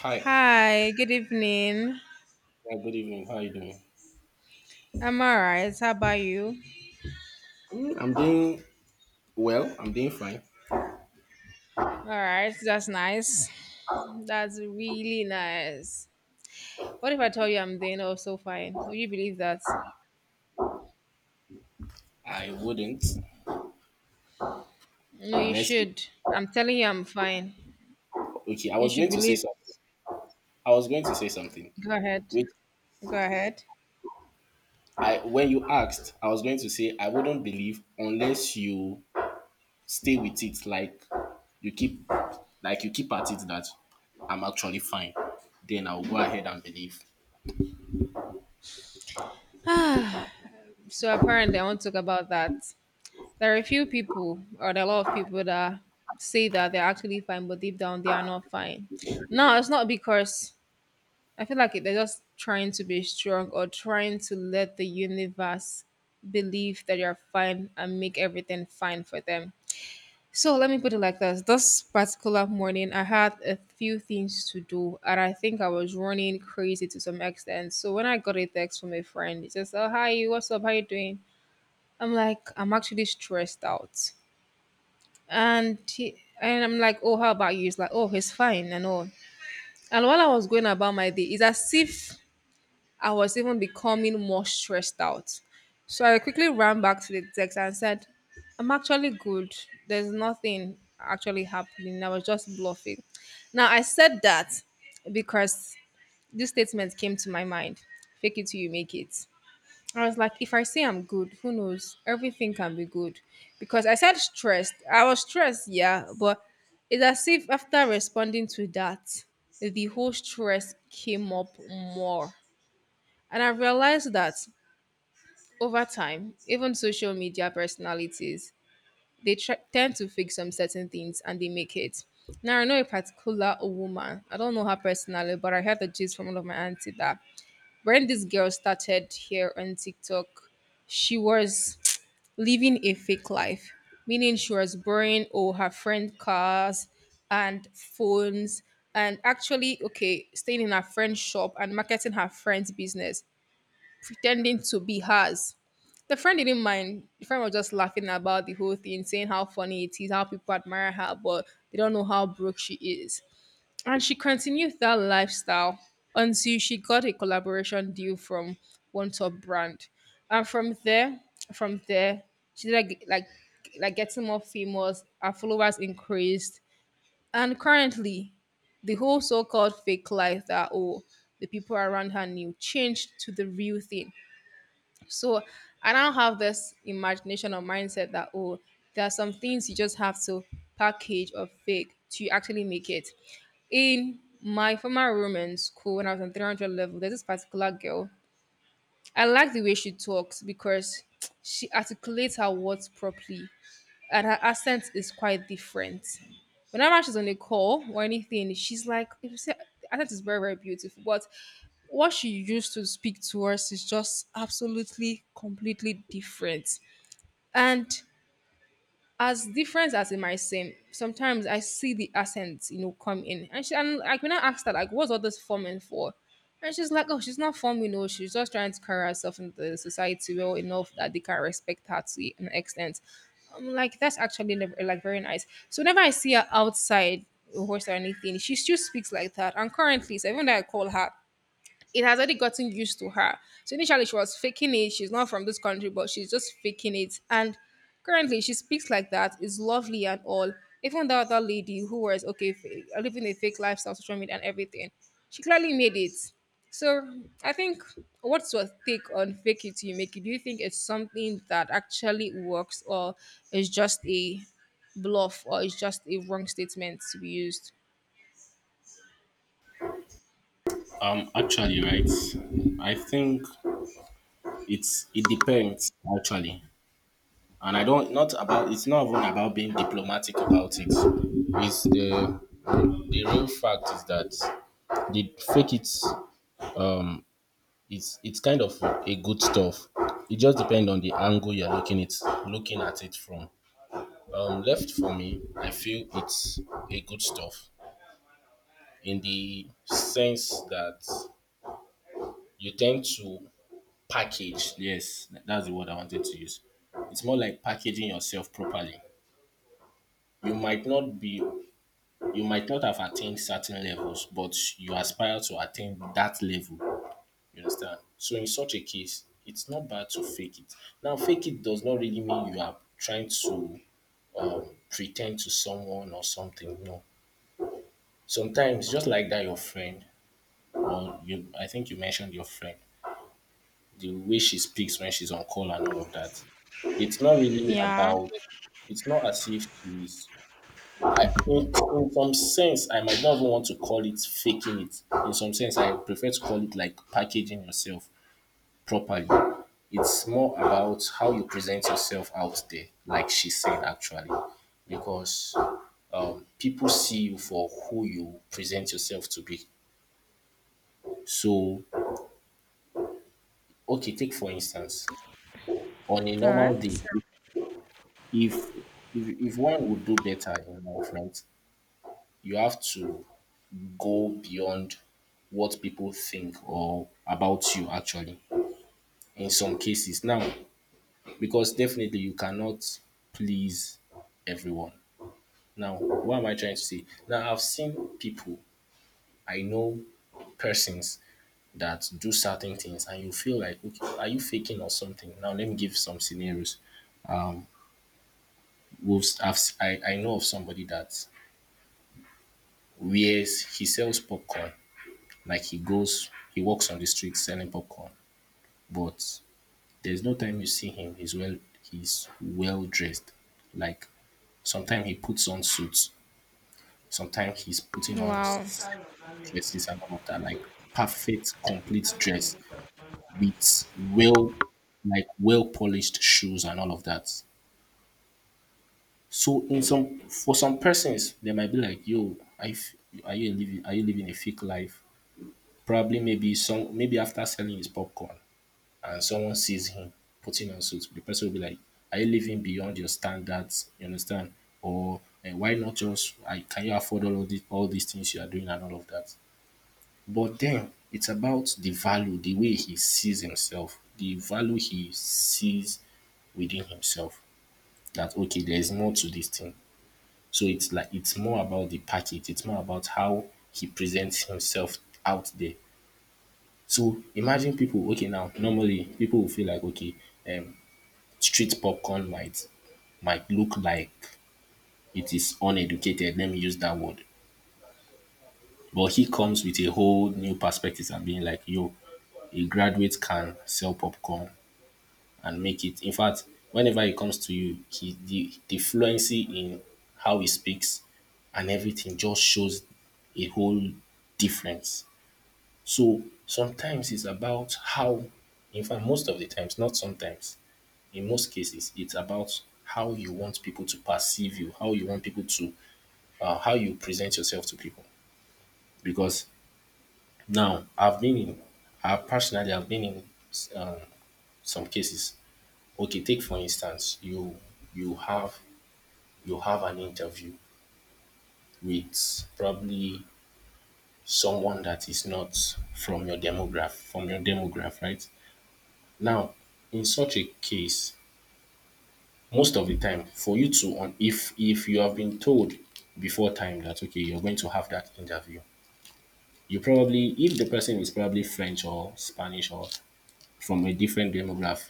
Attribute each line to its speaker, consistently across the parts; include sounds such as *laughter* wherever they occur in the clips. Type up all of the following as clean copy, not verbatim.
Speaker 1: Hi.
Speaker 2: Hi, good evening.
Speaker 1: Yeah, good evening. How are you doing?
Speaker 2: I'm alright. How about you?
Speaker 1: I'm doing well. I'm doing fine.
Speaker 2: Alright, that's nice. That's really nice. What if I tell you I'm doing also fine? Would you believe that?
Speaker 1: I wouldn't
Speaker 2: No, you
Speaker 1: unless you.
Speaker 2: should. I'm telling you I'm fine.
Speaker 1: Okay, I
Speaker 2: You
Speaker 1: was
Speaker 2: should
Speaker 1: going to
Speaker 2: believe.
Speaker 1: say something.
Speaker 2: It.
Speaker 1: I was going to say something.
Speaker 2: Go ahead.
Speaker 1: Which
Speaker 2: Go ahead. *sighs*
Speaker 1: I when you asked, I was going to say I wouldn't believe unless you stay with it. You keep, like you keep at it that I'm actually fine. Then I'll go ahead and believe.
Speaker 2: Ah. So apparently I want to talk about that. There are a few people or there are a lot of people that say that they're actually fine, but deep down they are not fine. No, it's not because I feel like they're just trying to be strong or trying to let the universe believe that you're fine and make everything fine for them. So let me put it like this. This particular morning, I had a few things to do, and I think I was running crazy to some extent. So when I got a text from a friend, it says, "Oh, hi, what's up? How you doing?" I'm like, "I'm actually stressed out." And I'm like, "Oh, how about you?" He's like, "Oh, he's fine and all." And while I was going about my day, it's as if I was even becoming more stressed out. So I quickly ran back to the text and said, "I'm actually good. There's nothing actually happening. I was just bluffing." Now, I said that because this statement came to my mind: fake it till you make it. I was like, if I say I'm good, who knows? Everything can be good. Because I said stressed. I was stressed, yeah, but it's as if after responding to that, the whole stress came up more. And I've realized that over time, even social media personalities, they tend to fix some certain things and they make it. Now, I know a particular woman, I don't know her personally, but I heard the gist from one of my auntie that when this girl started here on TikTok, she was living a fake life, meaning she was borrowing all her friend cars and phones and actually, okay, staying in her friend's shop and marketing her friend's business, pretending to be hers. The friend didn't mind. The friend was just laughing about the whole thing, saying how funny it is, how people admire her, but they don't know how broke she is. And she continued that lifestyle until she got a collaboration deal from one top brand. And from there, she did like getting more famous, her followers increased. And currently, the whole so-called fake life that oh the people around her knew changed to the real thing. So I now have this imagination or mindset that oh, there are some things you just have to package or fake to actually make it. In my former room in school when I was on 300 level, there's this particular girl. I like the way she talks because she articulates her words properly and her accent is quite different. Whenever she's on a call or anything, she's like, if you say, I think it's very, very beautiful. But what she used to speak to us is just absolutely, completely different. And as different as it might seem, sometimes I see the accents, come in. And she and like when I asked her, like, what's all this forming for? And she's like, oh, she's not forming, she's just trying to carry herself in the society well enough that they can respect her to an extent. I'm like, that's actually like very nice. So whenever I see her outside a horse or anything, she still speaks like that. And currently, so even though I call her, it has already gotten used to her. So initially she was faking it. She's not from this country, but she's just faking it. And currently she speaks like that. It's lovely and all. Even the other lady who was okay living a fake lifestyle, social media and everything, she clearly made it. So I think, what's your take on fake it till you make it? Do you think it's something that actually works or it's just a bluff or it's just a wrong statement to be used?
Speaker 1: Actually, right. I think it depends actually, and I don't not about it's not even about being diplomatic about it. It's The real fact is that the fake, um it's kind of a good stuff. It just depends on the angle you're looking at it from. Left for me, I feel it's a good stuff in the sense that you tend to package. Yes, that's the word I wanted to use. It's more like packaging yourself properly. You might not be you might not have attained certain levels, but you aspire to attain that level. You understand? So in such a case, it's not bad to fake it. Now, fake it does not really mean you are trying to um, pretend to someone or something. No. Sometimes, just like that, your friend, or you, I think you mentioned your friend, the way she speaks when she's on call and all of that. It's not really
Speaker 2: Yeah.
Speaker 1: about, it's not as if in some sense, I might not even want to call it faking it. In some sense, I prefer to call it like packaging yourself properly. It's more about how you present yourself out there, like she said, actually, because people see you for who you present yourself to be. So, okay, take for instance, on a
Speaker 2: All
Speaker 1: normal
Speaker 2: right.
Speaker 1: day, if if one would do better in life, right, you have to go beyond what people think or about you, actually, in some cases now, because definitely you cannot please everyone. Now, what am I trying to say? Now I've seen people. I know persons that do certain things and you feel like, okay, are you faking or something? Now let me give some scenarios. I know of somebody that wears he sells popcorn. Like he walks on the street selling popcorn, but there's no time you see him, he's well dressed. Like sometimes he puts on suits, sometimes he's putting on
Speaker 2: Wow.
Speaker 1: dresses and all of that, like perfect, complete dress with well polished shoes and all of that. So in some for some persons they might be like, yo, are you living a fake life? Probably, maybe, some maybe after selling his popcorn and someone sees him putting on suit, the person will be like, "Are you living beyond your standards? You understand? Or why not just? I Can you afford all of this, all these things you are doing and all of that?" But then it's about the value, the way he sees himself, the value he sees within himself. That, okay, there is more to this thing. So it's like it's more about the package. It's more about how he presents himself out there. So imagine people. Okay, now normally people will feel like, okay, um, street popcorn might look like it is uneducated. Let me use that word. But he comes with a whole new perspective and being like, yo, a graduate can sell popcorn and make it. In fact, whenever he comes to you, the fluency in how he speaks and everything just shows a whole difference. So sometimes it's about how, in fact, most of the times, not sometimes, in most cases, it's about how you want people to perceive you, how you want people to, how you present yourself to people. Because now I personally have been in, uh, some cases. Okay, take for instance, you have you have an interview with probably someone that is not from your demograph, right? Now, in such a case, most of the time, for you to on, if you have been told before time that, okay, you're going to have that interview, you probably, if the person is probably French or Spanish or from a different demographic,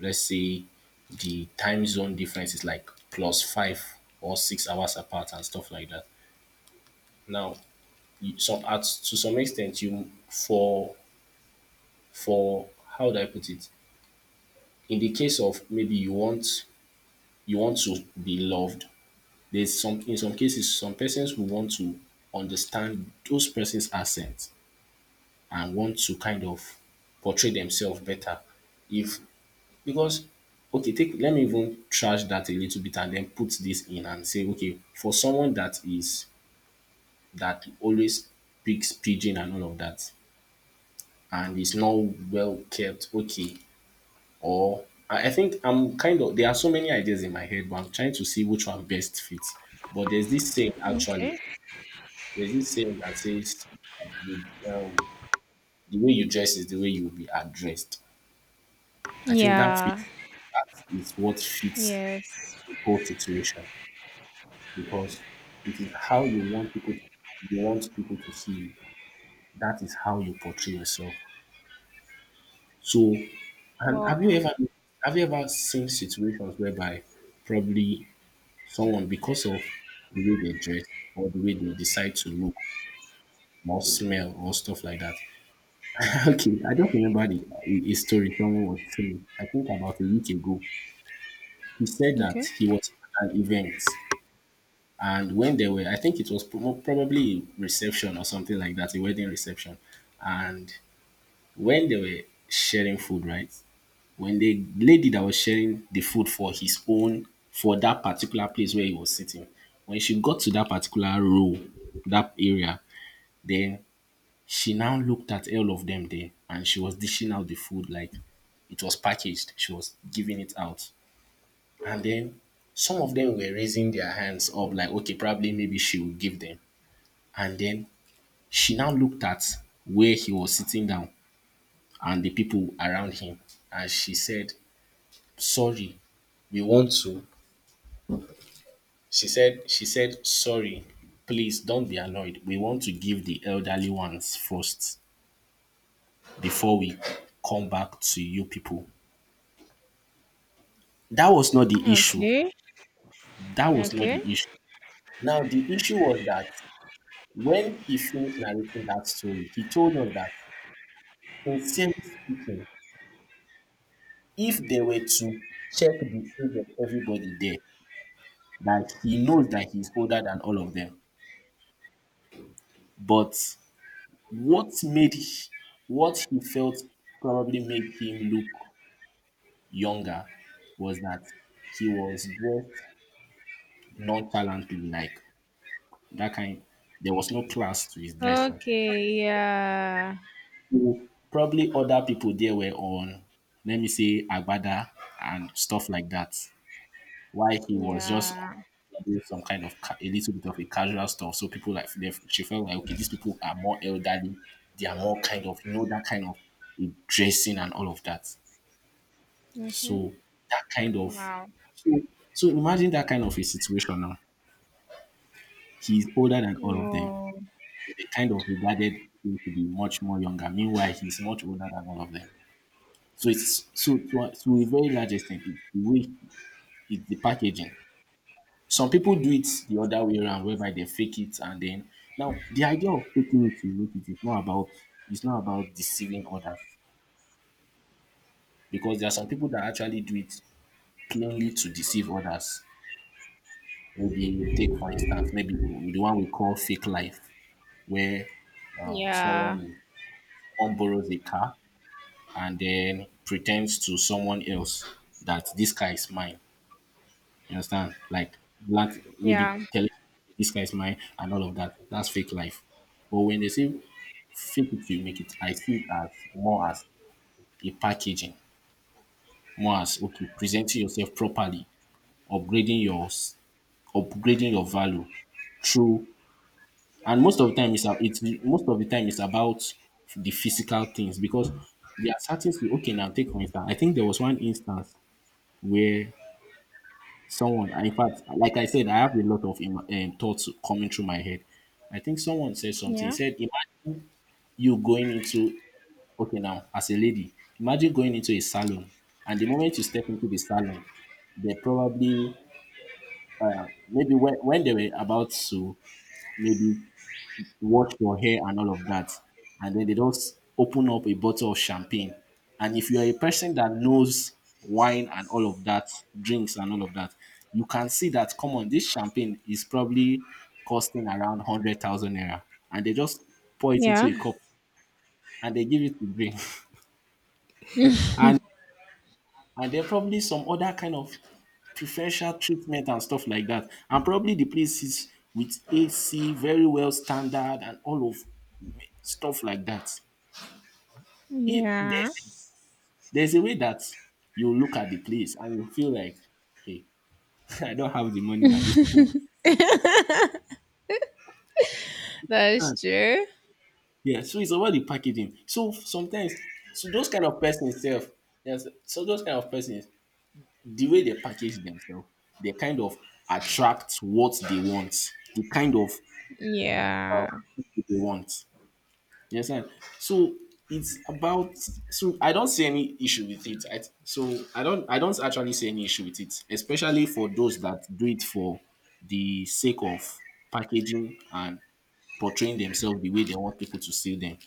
Speaker 1: let's say the time zone difference is like plus 5 or 6 hours apart and stuff like that. Now, some, at, to some extent, you, for how do I put it, in the case of maybe you want, you want to be loved. There's some In some cases some persons who want to understand those person's accent and want to kind of portray themselves better, if, because, okay, take, let me even trash that a little bit and then put this in and say, okay, for someone that always speaks pidgin and all of that and is not well kept, okay, or I think I'm kind of, there are so many ideas in my head, but I'm trying to see which one best fits. But
Speaker 2: Okay.
Speaker 1: there's this saying that says, you, um, the way you dress is the way you will be addressed. I think that
Speaker 2: Yeah.
Speaker 1: fits. That is what fits
Speaker 2: Yes.
Speaker 1: the whole situation because it is how you want people. You want people to see you. That is how you portray yourself. So, and
Speaker 2: Well.
Speaker 1: have you ever seen situations whereby probably someone, because of the way they dress or the way they decide to look or smell or stuff like that, *laughs* okay, I just remembered a story someone was saying, I think about a week ago. He said that
Speaker 2: Okay.
Speaker 1: he was at an event, and when they were, I think it was probably a reception or something like that, a wedding reception. And when they were sharing food, right? When the lady that was sharing the food for his own, for that particular place where he was sitting, when she got to that particular row, that area, then she now looked at all of them there and she was dishing out the food like it was packaged. She was giving it out. And then some of them were raising their hands up, like, okay, probably maybe she will give them. And then she now looked at where he was sitting down and the people around him. And she said, sorry, we want to. She said, sorry, please don't be annoyed. We want to give the elderly ones first before we come back to you people. That was not the issue.
Speaker 2: Okay.
Speaker 1: That was not
Speaker 2: Okay.
Speaker 1: the issue. Now, the issue was that when he finished narrating that story, he told us that, sincerely speaking, if they were to check the age of everybody there, that he knows that he's older than all of them. But what made h- what he felt probably made him look younger was that he was dressed nonchalantly, like that kind. There was no class to his dressing.
Speaker 2: Okay. Yeah.
Speaker 1: So probably other people there were on, let me say, Agbada and stuff like that. Why he was just
Speaker 2: Yeah.
Speaker 1: doing some kind of a little bit of a casual stuff. So people like they, she felt like, okay, these people are more elderly. They are more kind of, that kind of dressing and all of that.
Speaker 2: Mm-hmm.
Speaker 1: So that kind of,
Speaker 2: Wow.
Speaker 1: so, so imagine that kind of a situation now. He's older than all of them.
Speaker 2: Oh.
Speaker 1: They kind of regarded him to be much more younger. Meanwhile, he's much older than all of them. So it's, so to a very large extent, it's the way it's the packaging. Some people do it the other way around, whereby they fake it and then, now the idea of faking it to make it is not about it's not about deceiving others because there are some people that actually do it plainly to deceive others. Maybe take for instance, maybe the one we call fake life, where, someone
Speaker 2: Yeah.
Speaker 1: someone borrows a car and then pretends to someone else that this car is mine. You understand? Like black, maybe
Speaker 2: Yeah.
Speaker 1: telling this guy is mine and all of that. That's fake life. But when they say fake it till you make it, I see it as more as a packaging, more as, okay, presenting yourself properly, upgrading your, upgrading your value through, and most of the time it's most of the time it's about the physical things, because there are certain things, okay, now take for instance. I think there was one instance where someone, and in fact, like I said, I have a lot of thoughts coming through my head. I think someone said something. He
Speaker 2: Yeah.
Speaker 1: said, "Imagine you going into, as a lady, imagine going into a salon, and the moment you step into the salon, they probably, maybe when they were about to maybe wash your hair and all of that. And then they just open up a bottle of champagne. And if you are a person that knows wine and all of that, drinks and all of that, you can see that, come on, this champagne is probably costing around 100,000 naira. And they just pour it into
Speaker 2: Yeah.
Speaker 1: a cup and they give it to drink." *laughs* and and there are probably some other kind of preferential treatment and stuff like that. And probably the place is with AC, very well standard, and all of stuff like that. If
Speaker 2: Yeah.
Speaker 1: there's There's a way that you look at the place and you feel like, hey, *laughs* I don't have the money that these people
Speaker 2: That's
Speaker 1: have.
Speaker 2: true.
Speaker 1: Yeah, so it's about the packaging. So those kind of persons self, yes, so those kind of persons, the way they package themselves, they kind of attract what they want, the kind of uh,
Speaker 2: Yeah.
Speaker 1: people they want. Yes, sir. So it's about so I don't see any issue with it. I don't actually see any issue with it, especially for those that do it for the sake of packaging and portraying themselves the way they want people to see them.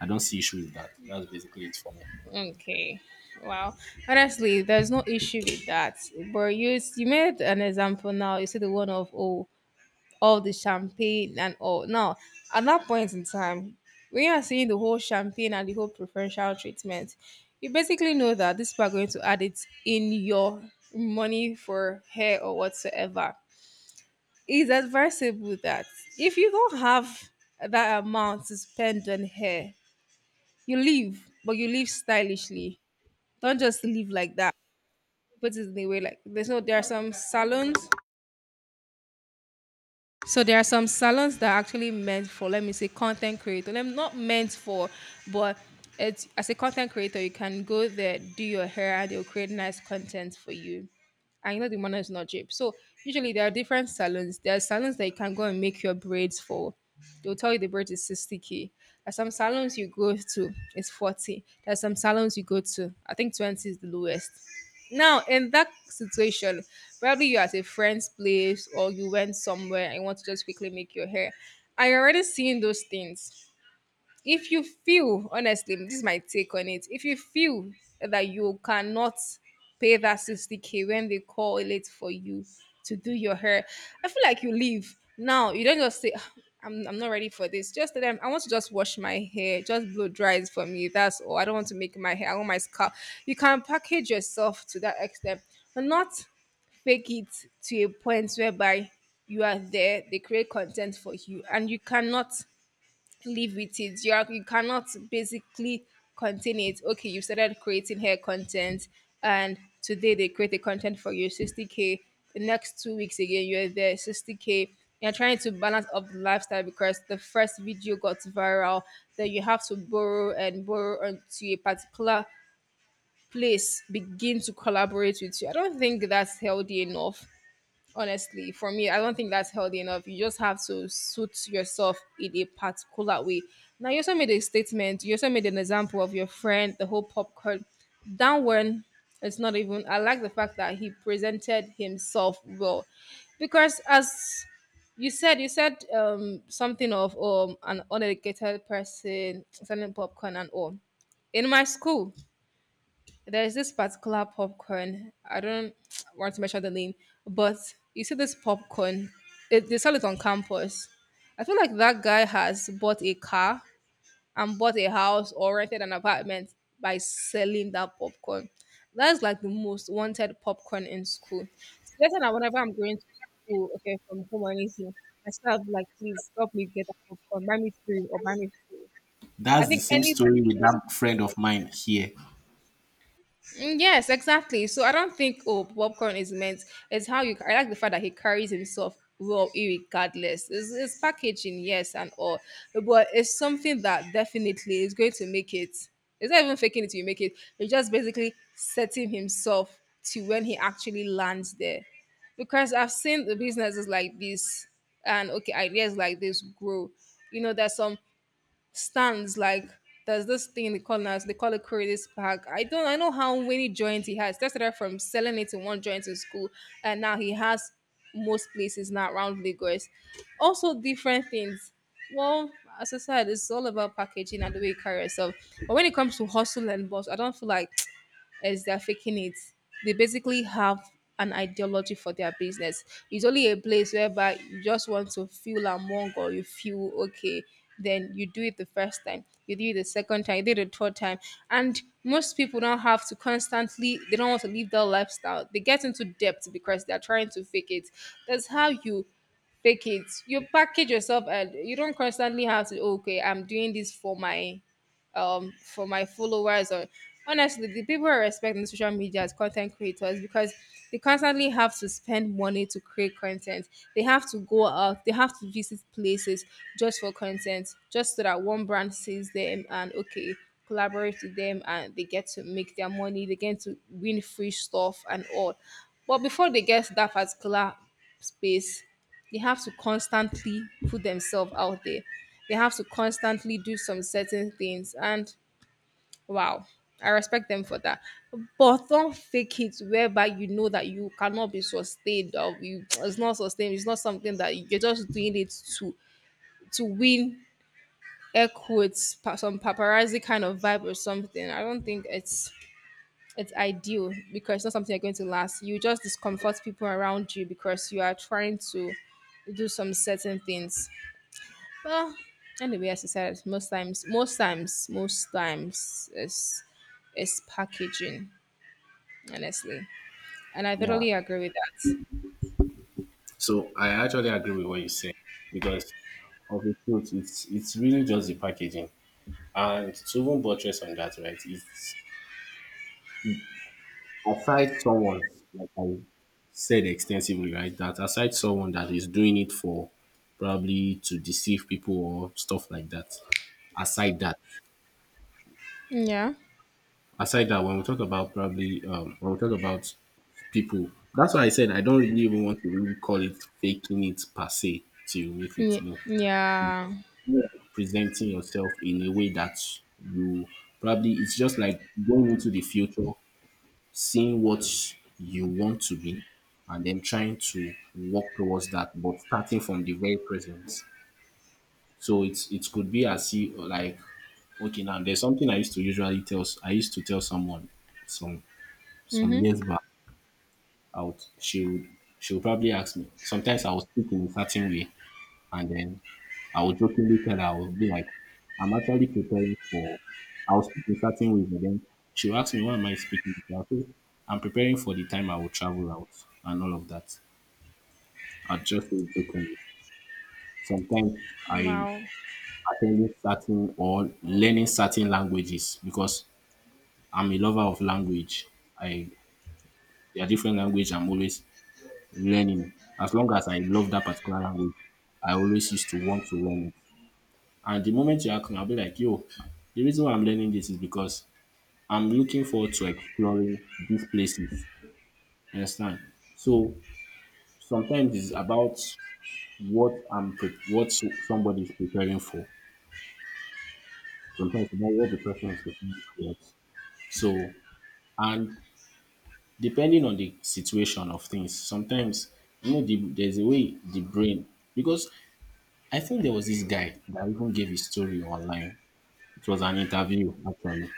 Speaker 1: I don't see issue with that. That's basically it for me.
Speaker 2: Okay. Wow. Honestly, there's no issue with that. But you made an example now. You see the one of oh all the champagne and all. Now, at that point in time, when you are seeing the whole champagne and the whole preferential treatment, you basically know that these people are going to add it in your money for hair or whatsoever. It's advisable that if you don't have that amount to spend on hair, you leave, but you leave stylishly. Don't just leave like that. Put it in a way like there's no there are some salons. So there are some salons that are actually meant for, let me say, content creator. I'm not meant for, but it's as a content creator, you can go there, do your hair, and they'll create nice content for you. And you know the money is not cheap. So usually there are different salons. There are salons that you can go and make your braids for. They'll tell you the braid is 60k. There's some salons you go to, it's 40. There's some salons you go to, I think 20 is the lowest. Now, in that situation, probably you're at a friend's place or you went somewhere and you want to just quickly make your hair. I already seen those things. If you feel, honestly this is my take on it, if you feel that you cannot pay that 60k when they call it for you to do your hair, I feel like you leave. Now you don't just say, "Ah, I'm not ready for this." Just tell them, "I want to just wash my hair, just blow dry it for me, that's all. I don't want to make my hair, I want my scalp." You can package yourself to that extent, but not fake it to a point whereby you are there, they create content for you and you cannot live with it. You cannot basically contain it. Okay, you started creating hair content, and today they create the content for you, 60k. The next 2 weeks again, you're there, 60k. You're trying to balance up the lifestyle because the first video got viral. Then you have to borrow and borrow onto a particular place begin to collaborate with you. I don't think that's healthy enough. Honestly for me I don't think that's healthy enough. You just have to suit yourself in a particular way. Now you also made a statement, you also made an example of your friend, the whole popcorn, that one. It's not even, I like the fact that he presented himself well because as you said, you said something of an uneducated person selling popcorn and all. In my school there's this particular popcorn. I don't *tsk* want to mention the name, but you see this popcorn. It, they sell it on campus. I feel like that guy has bought a car and bought a house or rented an apartment by selling that popcorn. That's like the most wanted popcorn in school. So that's why whenever I'm going to school, okay, from home or anything, I still have like, please help me get a popcorn, buy me three or buy me four. I
Speaker 1: That's the
Speaker 2: think
Speaker 1: same
Speaker 2: anything.
Speaker 1: story with that friend of mine here.
Speaker 2: Mm, yes, exactly. So I don't think oh popcorn is meant. It's how you. I like the fact that he carries himself well, irregardless. It's packaging, yes, and all, but it's something that definitely is going to make it. It's not even faking it till you make it. It's just basically setting himself to when he actually lands there, because I've seen the businesses like this and okay ideas like this grow. You know, there's some stands like there's this thing they call, now they call it Curtis Park. I don't I know how many joints he has. That's started from selling it in one joint in school, and now he has most places now around Lagos. Also different things. Well, as I said, it's all about packaging and the way you carry yourself. But when it comes to hustle and boss, I don't feel like is they're faking it. They basically have an ideology for their business. It's only a place whereby you just want to feel among or you feel okay. Then you do it the first time, you do it the second time, you do it the third time. And most people don't have to constantly, they don't want to live their lifestyle. They get into debt because they're trying to fake it. That's how you fake it. You package yourself and you don't constantly have to, okay, I'm doing this for my for my followers or honestly the people I respect in social media as content creators because they constantly have to spend money to create content. They have to go out, they have to visit places just for content, just so that one brand sees them and okay, collaborate with them and they get to make their money, they get to win free stuff and all. But before they get to that particular space, they have to constantly put themselves out there. They have to constantly do some certain things. And wow, I respect them for that. But don't fake it whereby you know that you cannot be sustained or you it's not sustained. It's not something that you're just doing it to win air quotes some paparazzi kind of vibe or something. I don't think it's ideal because it's not something you're going to last. You just discomfort people around you because you are trying to do some certain things. Well, anyway, as I said, most times is packaging, honestly, and I
Speaker 1: Yeah.
Speaker 2: totally agree with that.
Speaker 1: So I actually agree with what you say because of the truth, it's really just the packaging. And to even buttress on that, right? It's aside someone like I said extensively, right? That aside someone that is doing it for probably to deceive people or stuff like that. Aside that,
Speaker 2: Yeah.
Speaker 1: Aside that, when we talk about probably when we talk about people, that's why I said I don't really even want to really call it faking it per se to make it. No, it's
Speaker 2: Yeah.
Speaker 1: just more like presenting yourself in a way that you probably it's just like going into the future, seeing what you want to be, and then trying to work towards that, but starting from the very present. So it's it could be as if like okay now there's something I used to usually I used to tell someone some some
Speaker 2: Mhm.
Speaker 1: years back I would she would probably ask me. Sometimes I was speaking in a certain way and then I would jokingly tell her, I would be like, I'm actually preparing for, I was speaking certain ways, and then she would ask me, why am I speaking this way? I'll say, I'm preparing for the time I will travel out and all of that. I just say it jokingly. Sometimes I
Speaker 2: Wow.
Speaker 1: attending certain or learning certain languages because I'm a lover of language. I there are different language I'm always learning. As long as I love that particular language, I always used to want to learn it. And the moment you ask me, I'll be like, yo, the reason why I'm learning this is because I'm looking forward to exploring these places. You understand? So sometimes it's about what I'm pre- what so- somebody is preparing for. Sometimes it's about what the person is preparing for. So and depending on the situation of things, sometimes you know there's a way the brain because I think there was this guy that even gave his story online. It was an interview actually.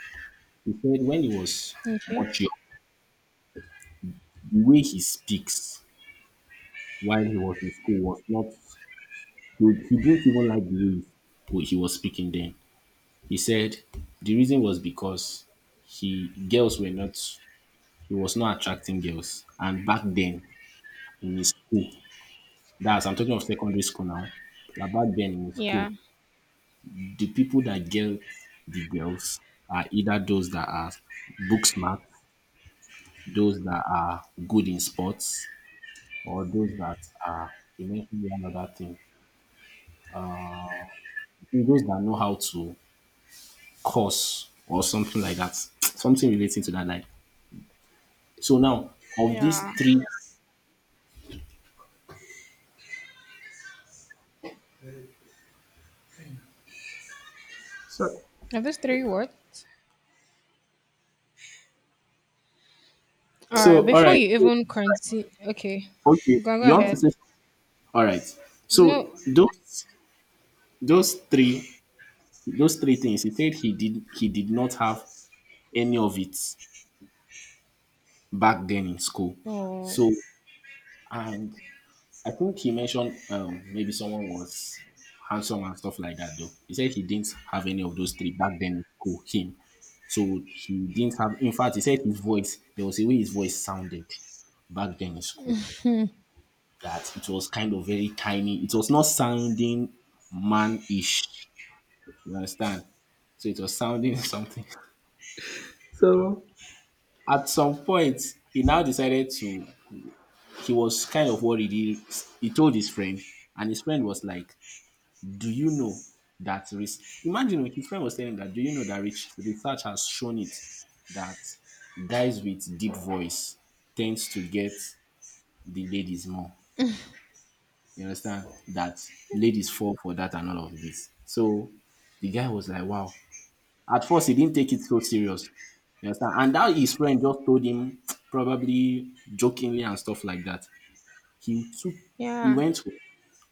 Speaker 1: He said when he was
Speaker 2: Okay.
Speaker 1: much. The way he speaks while he was in school was not He didn't even like the way he was speaking then. He said the reason was because he girls were not he was not attracting girls. And back then in his school, that's I'm talking of secondary school now. That Back then in his
Speaker 2: Yeah.
Speaker 1: school, the people that get the girls are either those that are book smart, those that are good in sports, or those that are you mentioned one other thing. Those that know how to curse or something like that, something relating to that line. So now, of these
Speaker 2: Yeah.
Speaker 1: three, so,
Speaker 2: Are those three words? All right.
Speaker 1: so all
Speaker 2: Before
Speaker 1: right,
Speaker 2: you even continue, okay,
Speaker 1: okay,
Speaker 2: go
Speaker 1: you want to
Speaker 2: ahead.
Speaker 1: say, all right. So
Speaker 2: No.
Speaker 1: those three those three things he said he did not have any of it back then in school.
Speaker 2: Oh.
Speaker 1: So and I think he mentioned maybe someone was handsome and stuff like that, though. He said he didn't have any of those three back then in school, him. So he didn't have, in fact, he said his voice, there was a way his voice sounded back then in school, that it was kind of very tiny. It was not sounding man ish, you understand? So it was sounding *laughs* something. So at some point, he now decided to, he was kind of worried. He told his friend, and his friend was like, "Do you know that risk?" Imagine if his friend was telling him that, do you know that rich research has shown it that guys with deep voice tends to get the ladies more. You understand? That ladies fall for that and all of this. So the guy was like, wow. At first, he didn't take it so serious. You understand? And that his friend just told him, *tsk* probably jokingly and stuff like that. He took, he
Speaker 2: Yeah.
Speaker 1: went home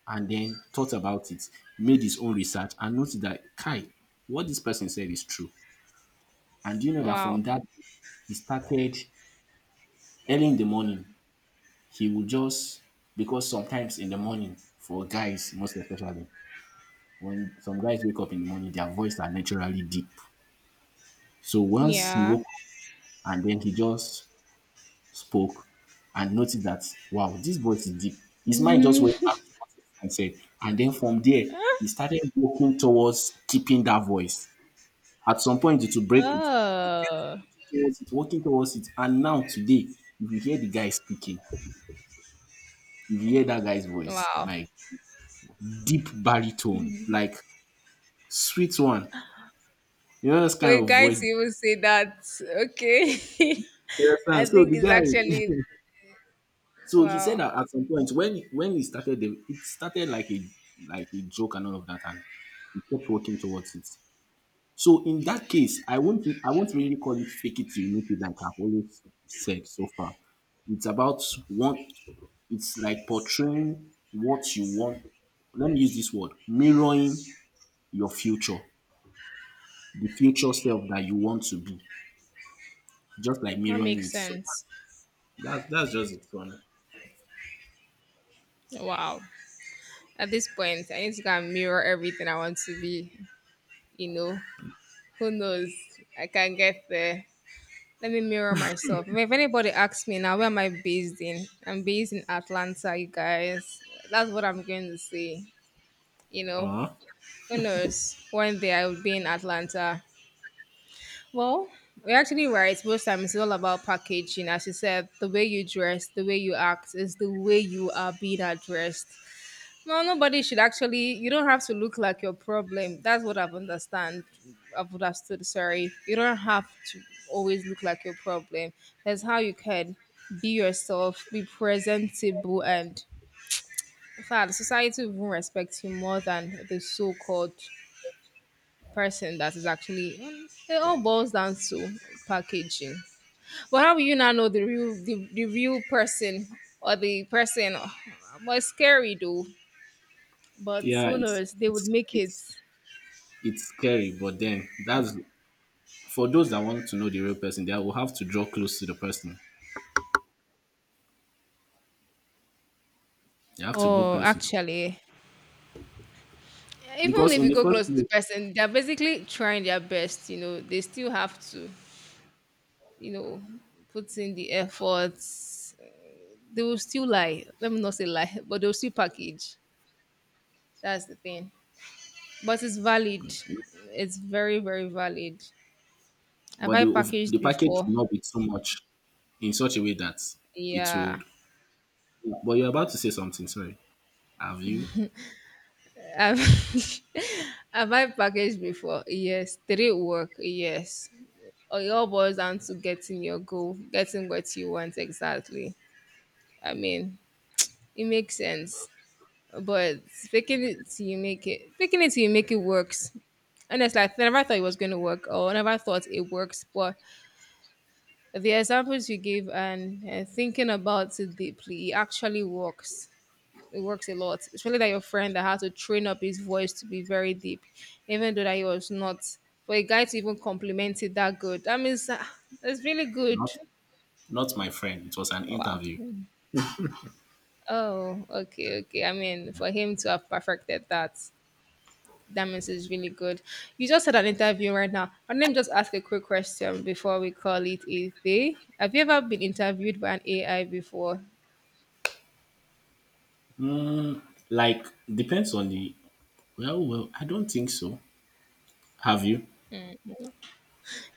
Speaker 1: and then thought about it, made his own research, and noticed that Kai, what this person said is true. And do you know that from
Speaker 2: Wow.
Speaker 1: that he started early in the morning, he would just because sometimes in the morning, for guys most especially, when some guys wake up in the morning, their voice are naturally deep. So once he
Speaker 2: Yeah.
Speaker 1: woke up and then he just spoke and noticed that wow, this voice is deep. His mind just went back to
Speaker 2: *laughs*
Speaker 1: what his friend said. And then from there, he started walking towards keeping that voice. At some point it will break it. He kept
Speaker 2: Oh.
Speaker 1: working towards it, and now today, if you hear the guy speaking, if you hear that guy's voice,
Speaker 2: Wow.
Speaker 1: like deep baritone, like sweet one, you know this
Speaker 2: For
Speaker 1: kind
Speaker 2: a
Speaker 1: of
Speaker 2: guy
Speaker 1: voice.
Speaker 2: to even say that, okay,
Speaker 1: You
Speaker 2: *laughs* I
Speaker 1: understand? So
Speaker 2: think
Speaker 1: the
Speaker 2: it's actually
Speaker 1: guy, *laughs* so he said
Speaker 2: wow.
Speaker 1: that at some point when he started, it started like a joke and all of that, and he kept working towards it. So in that case, I won't really call it fake it till you make it like I've always said so far. It's about what it's like portraying what you want. Let me use this word, mirroring your future, the future self that you want to be. Just like
Speaker 2: That
Speaker 1: mirroring
Speaker 2: makes
Speaker 1: it. So
Speaker 2: sense.
Speaker 1: that's just it one.
Speaker 2: Wow. At this point, I need to go and mirror everything I want to be. You know, who knows? I can get there. Let me mirror myself. If anybody asks me now, where am I based in? I'm based in Atlanta, you guys. That's what I'm going to say. You know,
Speaker 1: Uh-huh.
Speaker 2: who knows? One day I will be in Atlanta. Well, you're actually right. Most times it's all about packaging. As you said, the way you dress, the way you act is the way you are being addressed. No, nobody should actually, you don't have to look like your problem. That's what I've understand. I've understood, sorry. You don't have to always look like your problem. That's how you can be yourself, be presentable, and in fact, society will even respect you more than the so-called person that is actually, it all boils down to packaging. But how will you not know the real person or the person? Well, scary though. But
Speaker 1: Yeah,
Speaker 2: who knows? They would make it.
Speaker 1: it's scary, but then that's for those that want to know the real person, they will have to draw close to the person. They have to go
Speaker 2: Oh,
Speaker 1: close
Speaker 2: actually, even
Speaker 1: because
Speaker 2: if
Speaker 1: in
Speaker 2: you
Speaker 1: the
Speaker 2: go
Speaker 1: first
Speaker 2: close to the
Speaker 1: place
Speaker 2: person, they're basically trying their best. You know, they still have to, you know, put in the efforts. They will still lie. Let me not say lie, but they'll still package. That's the thing. But it's valid. It's very, very valid. Have
Speaker 1: but
Speaker 2: I
Speaker 1: the ov-
Speaker 2: packaged
Speaker 1: the package
Speaker 2: before?
Speaker 1: will not be too much in such a way that it
Speaker 2: Yeah.
Speaker 1: would. But you're about to say something. Sorry, have you
Speaker 2: I've *laughs* Have I packaged before? Yes. Did it work? Yes. Oh, it all boils down to getting your goal, getting what you want exactly. I mean, it makes sense. But faking it till you make it, faking it till you make it works. And honestly, I never thought it was going to work, or I never thought it works. But the examples you give and thinking about it deeply, it actually works, it works a lot, especially that your friend that had to train up his voice to be very deep even though that he was not for a guy to even compliment it that good, that means ah, it's really good.
Speaker 1: not? Not my friend. It was an
Speaker 2: Wow.
Speaker 1: interview.
Speaker 2: Oh, okay, okay. I mean, for him to have perfected that, that means it's really good. You just had an interview right now, and let me just ask a quick question before we call it a day. Have you ever been interviewed by an AI before?
Speaker 1: Like depends on the. Well, well, I don't think so. Have you?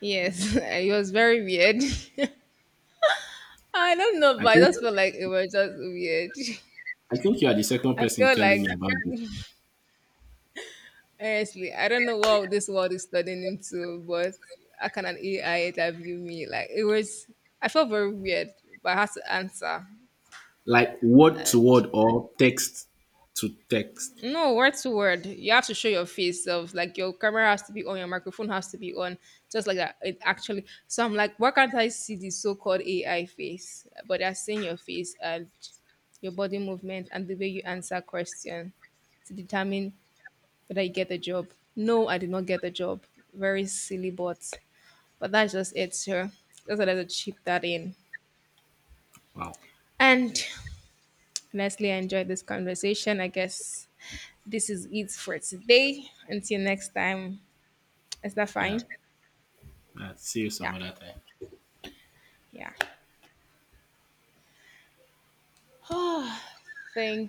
Speaker 2: Yes. *laughs* It was very weird. *laughs* I don't know, but
Speaker 1: I
Speaker 2: I
Speaker 1: think
Speaker 2: just felt like it was just weird. *laughs*
Speaker 1: I think you are the second
Speaker 2: I
Speaker 1: person
Speaker 2: feel like
Speaker 1: telling me about this.
Speaker 2: honestly, I don't know what this world is turning into, but how can an AI interview me? Like it was, I felt very weird, but I had to answer.
Speaker 1: Like word to
Speaker 2: And
Speaker 1: word or text to text.
Speaker 2: no, word to word, you have to show your face. Of like your camera has to be on, your microphone has to be on, just like that. It actually. So I'm like, why can't I see the so-called AI face? But they're seeing your face and your body movement and the way you answer question to determine whether I get the job. No, I did not get the job. Very silly, but that's just it, sir. That's what I had to chip that in.
Speaker 1: Wow.
Speaker 2: And honestly, I enjoyed this conversation. I guess this is it for today. Until next time, is that
Speaker 1: Yeah.
Speaker 2: fine?
Speaker 1: See you some
Speaker 2: Yeah,
Speaker 1: other time.
Speaker 2: yeah. *sighs* Thank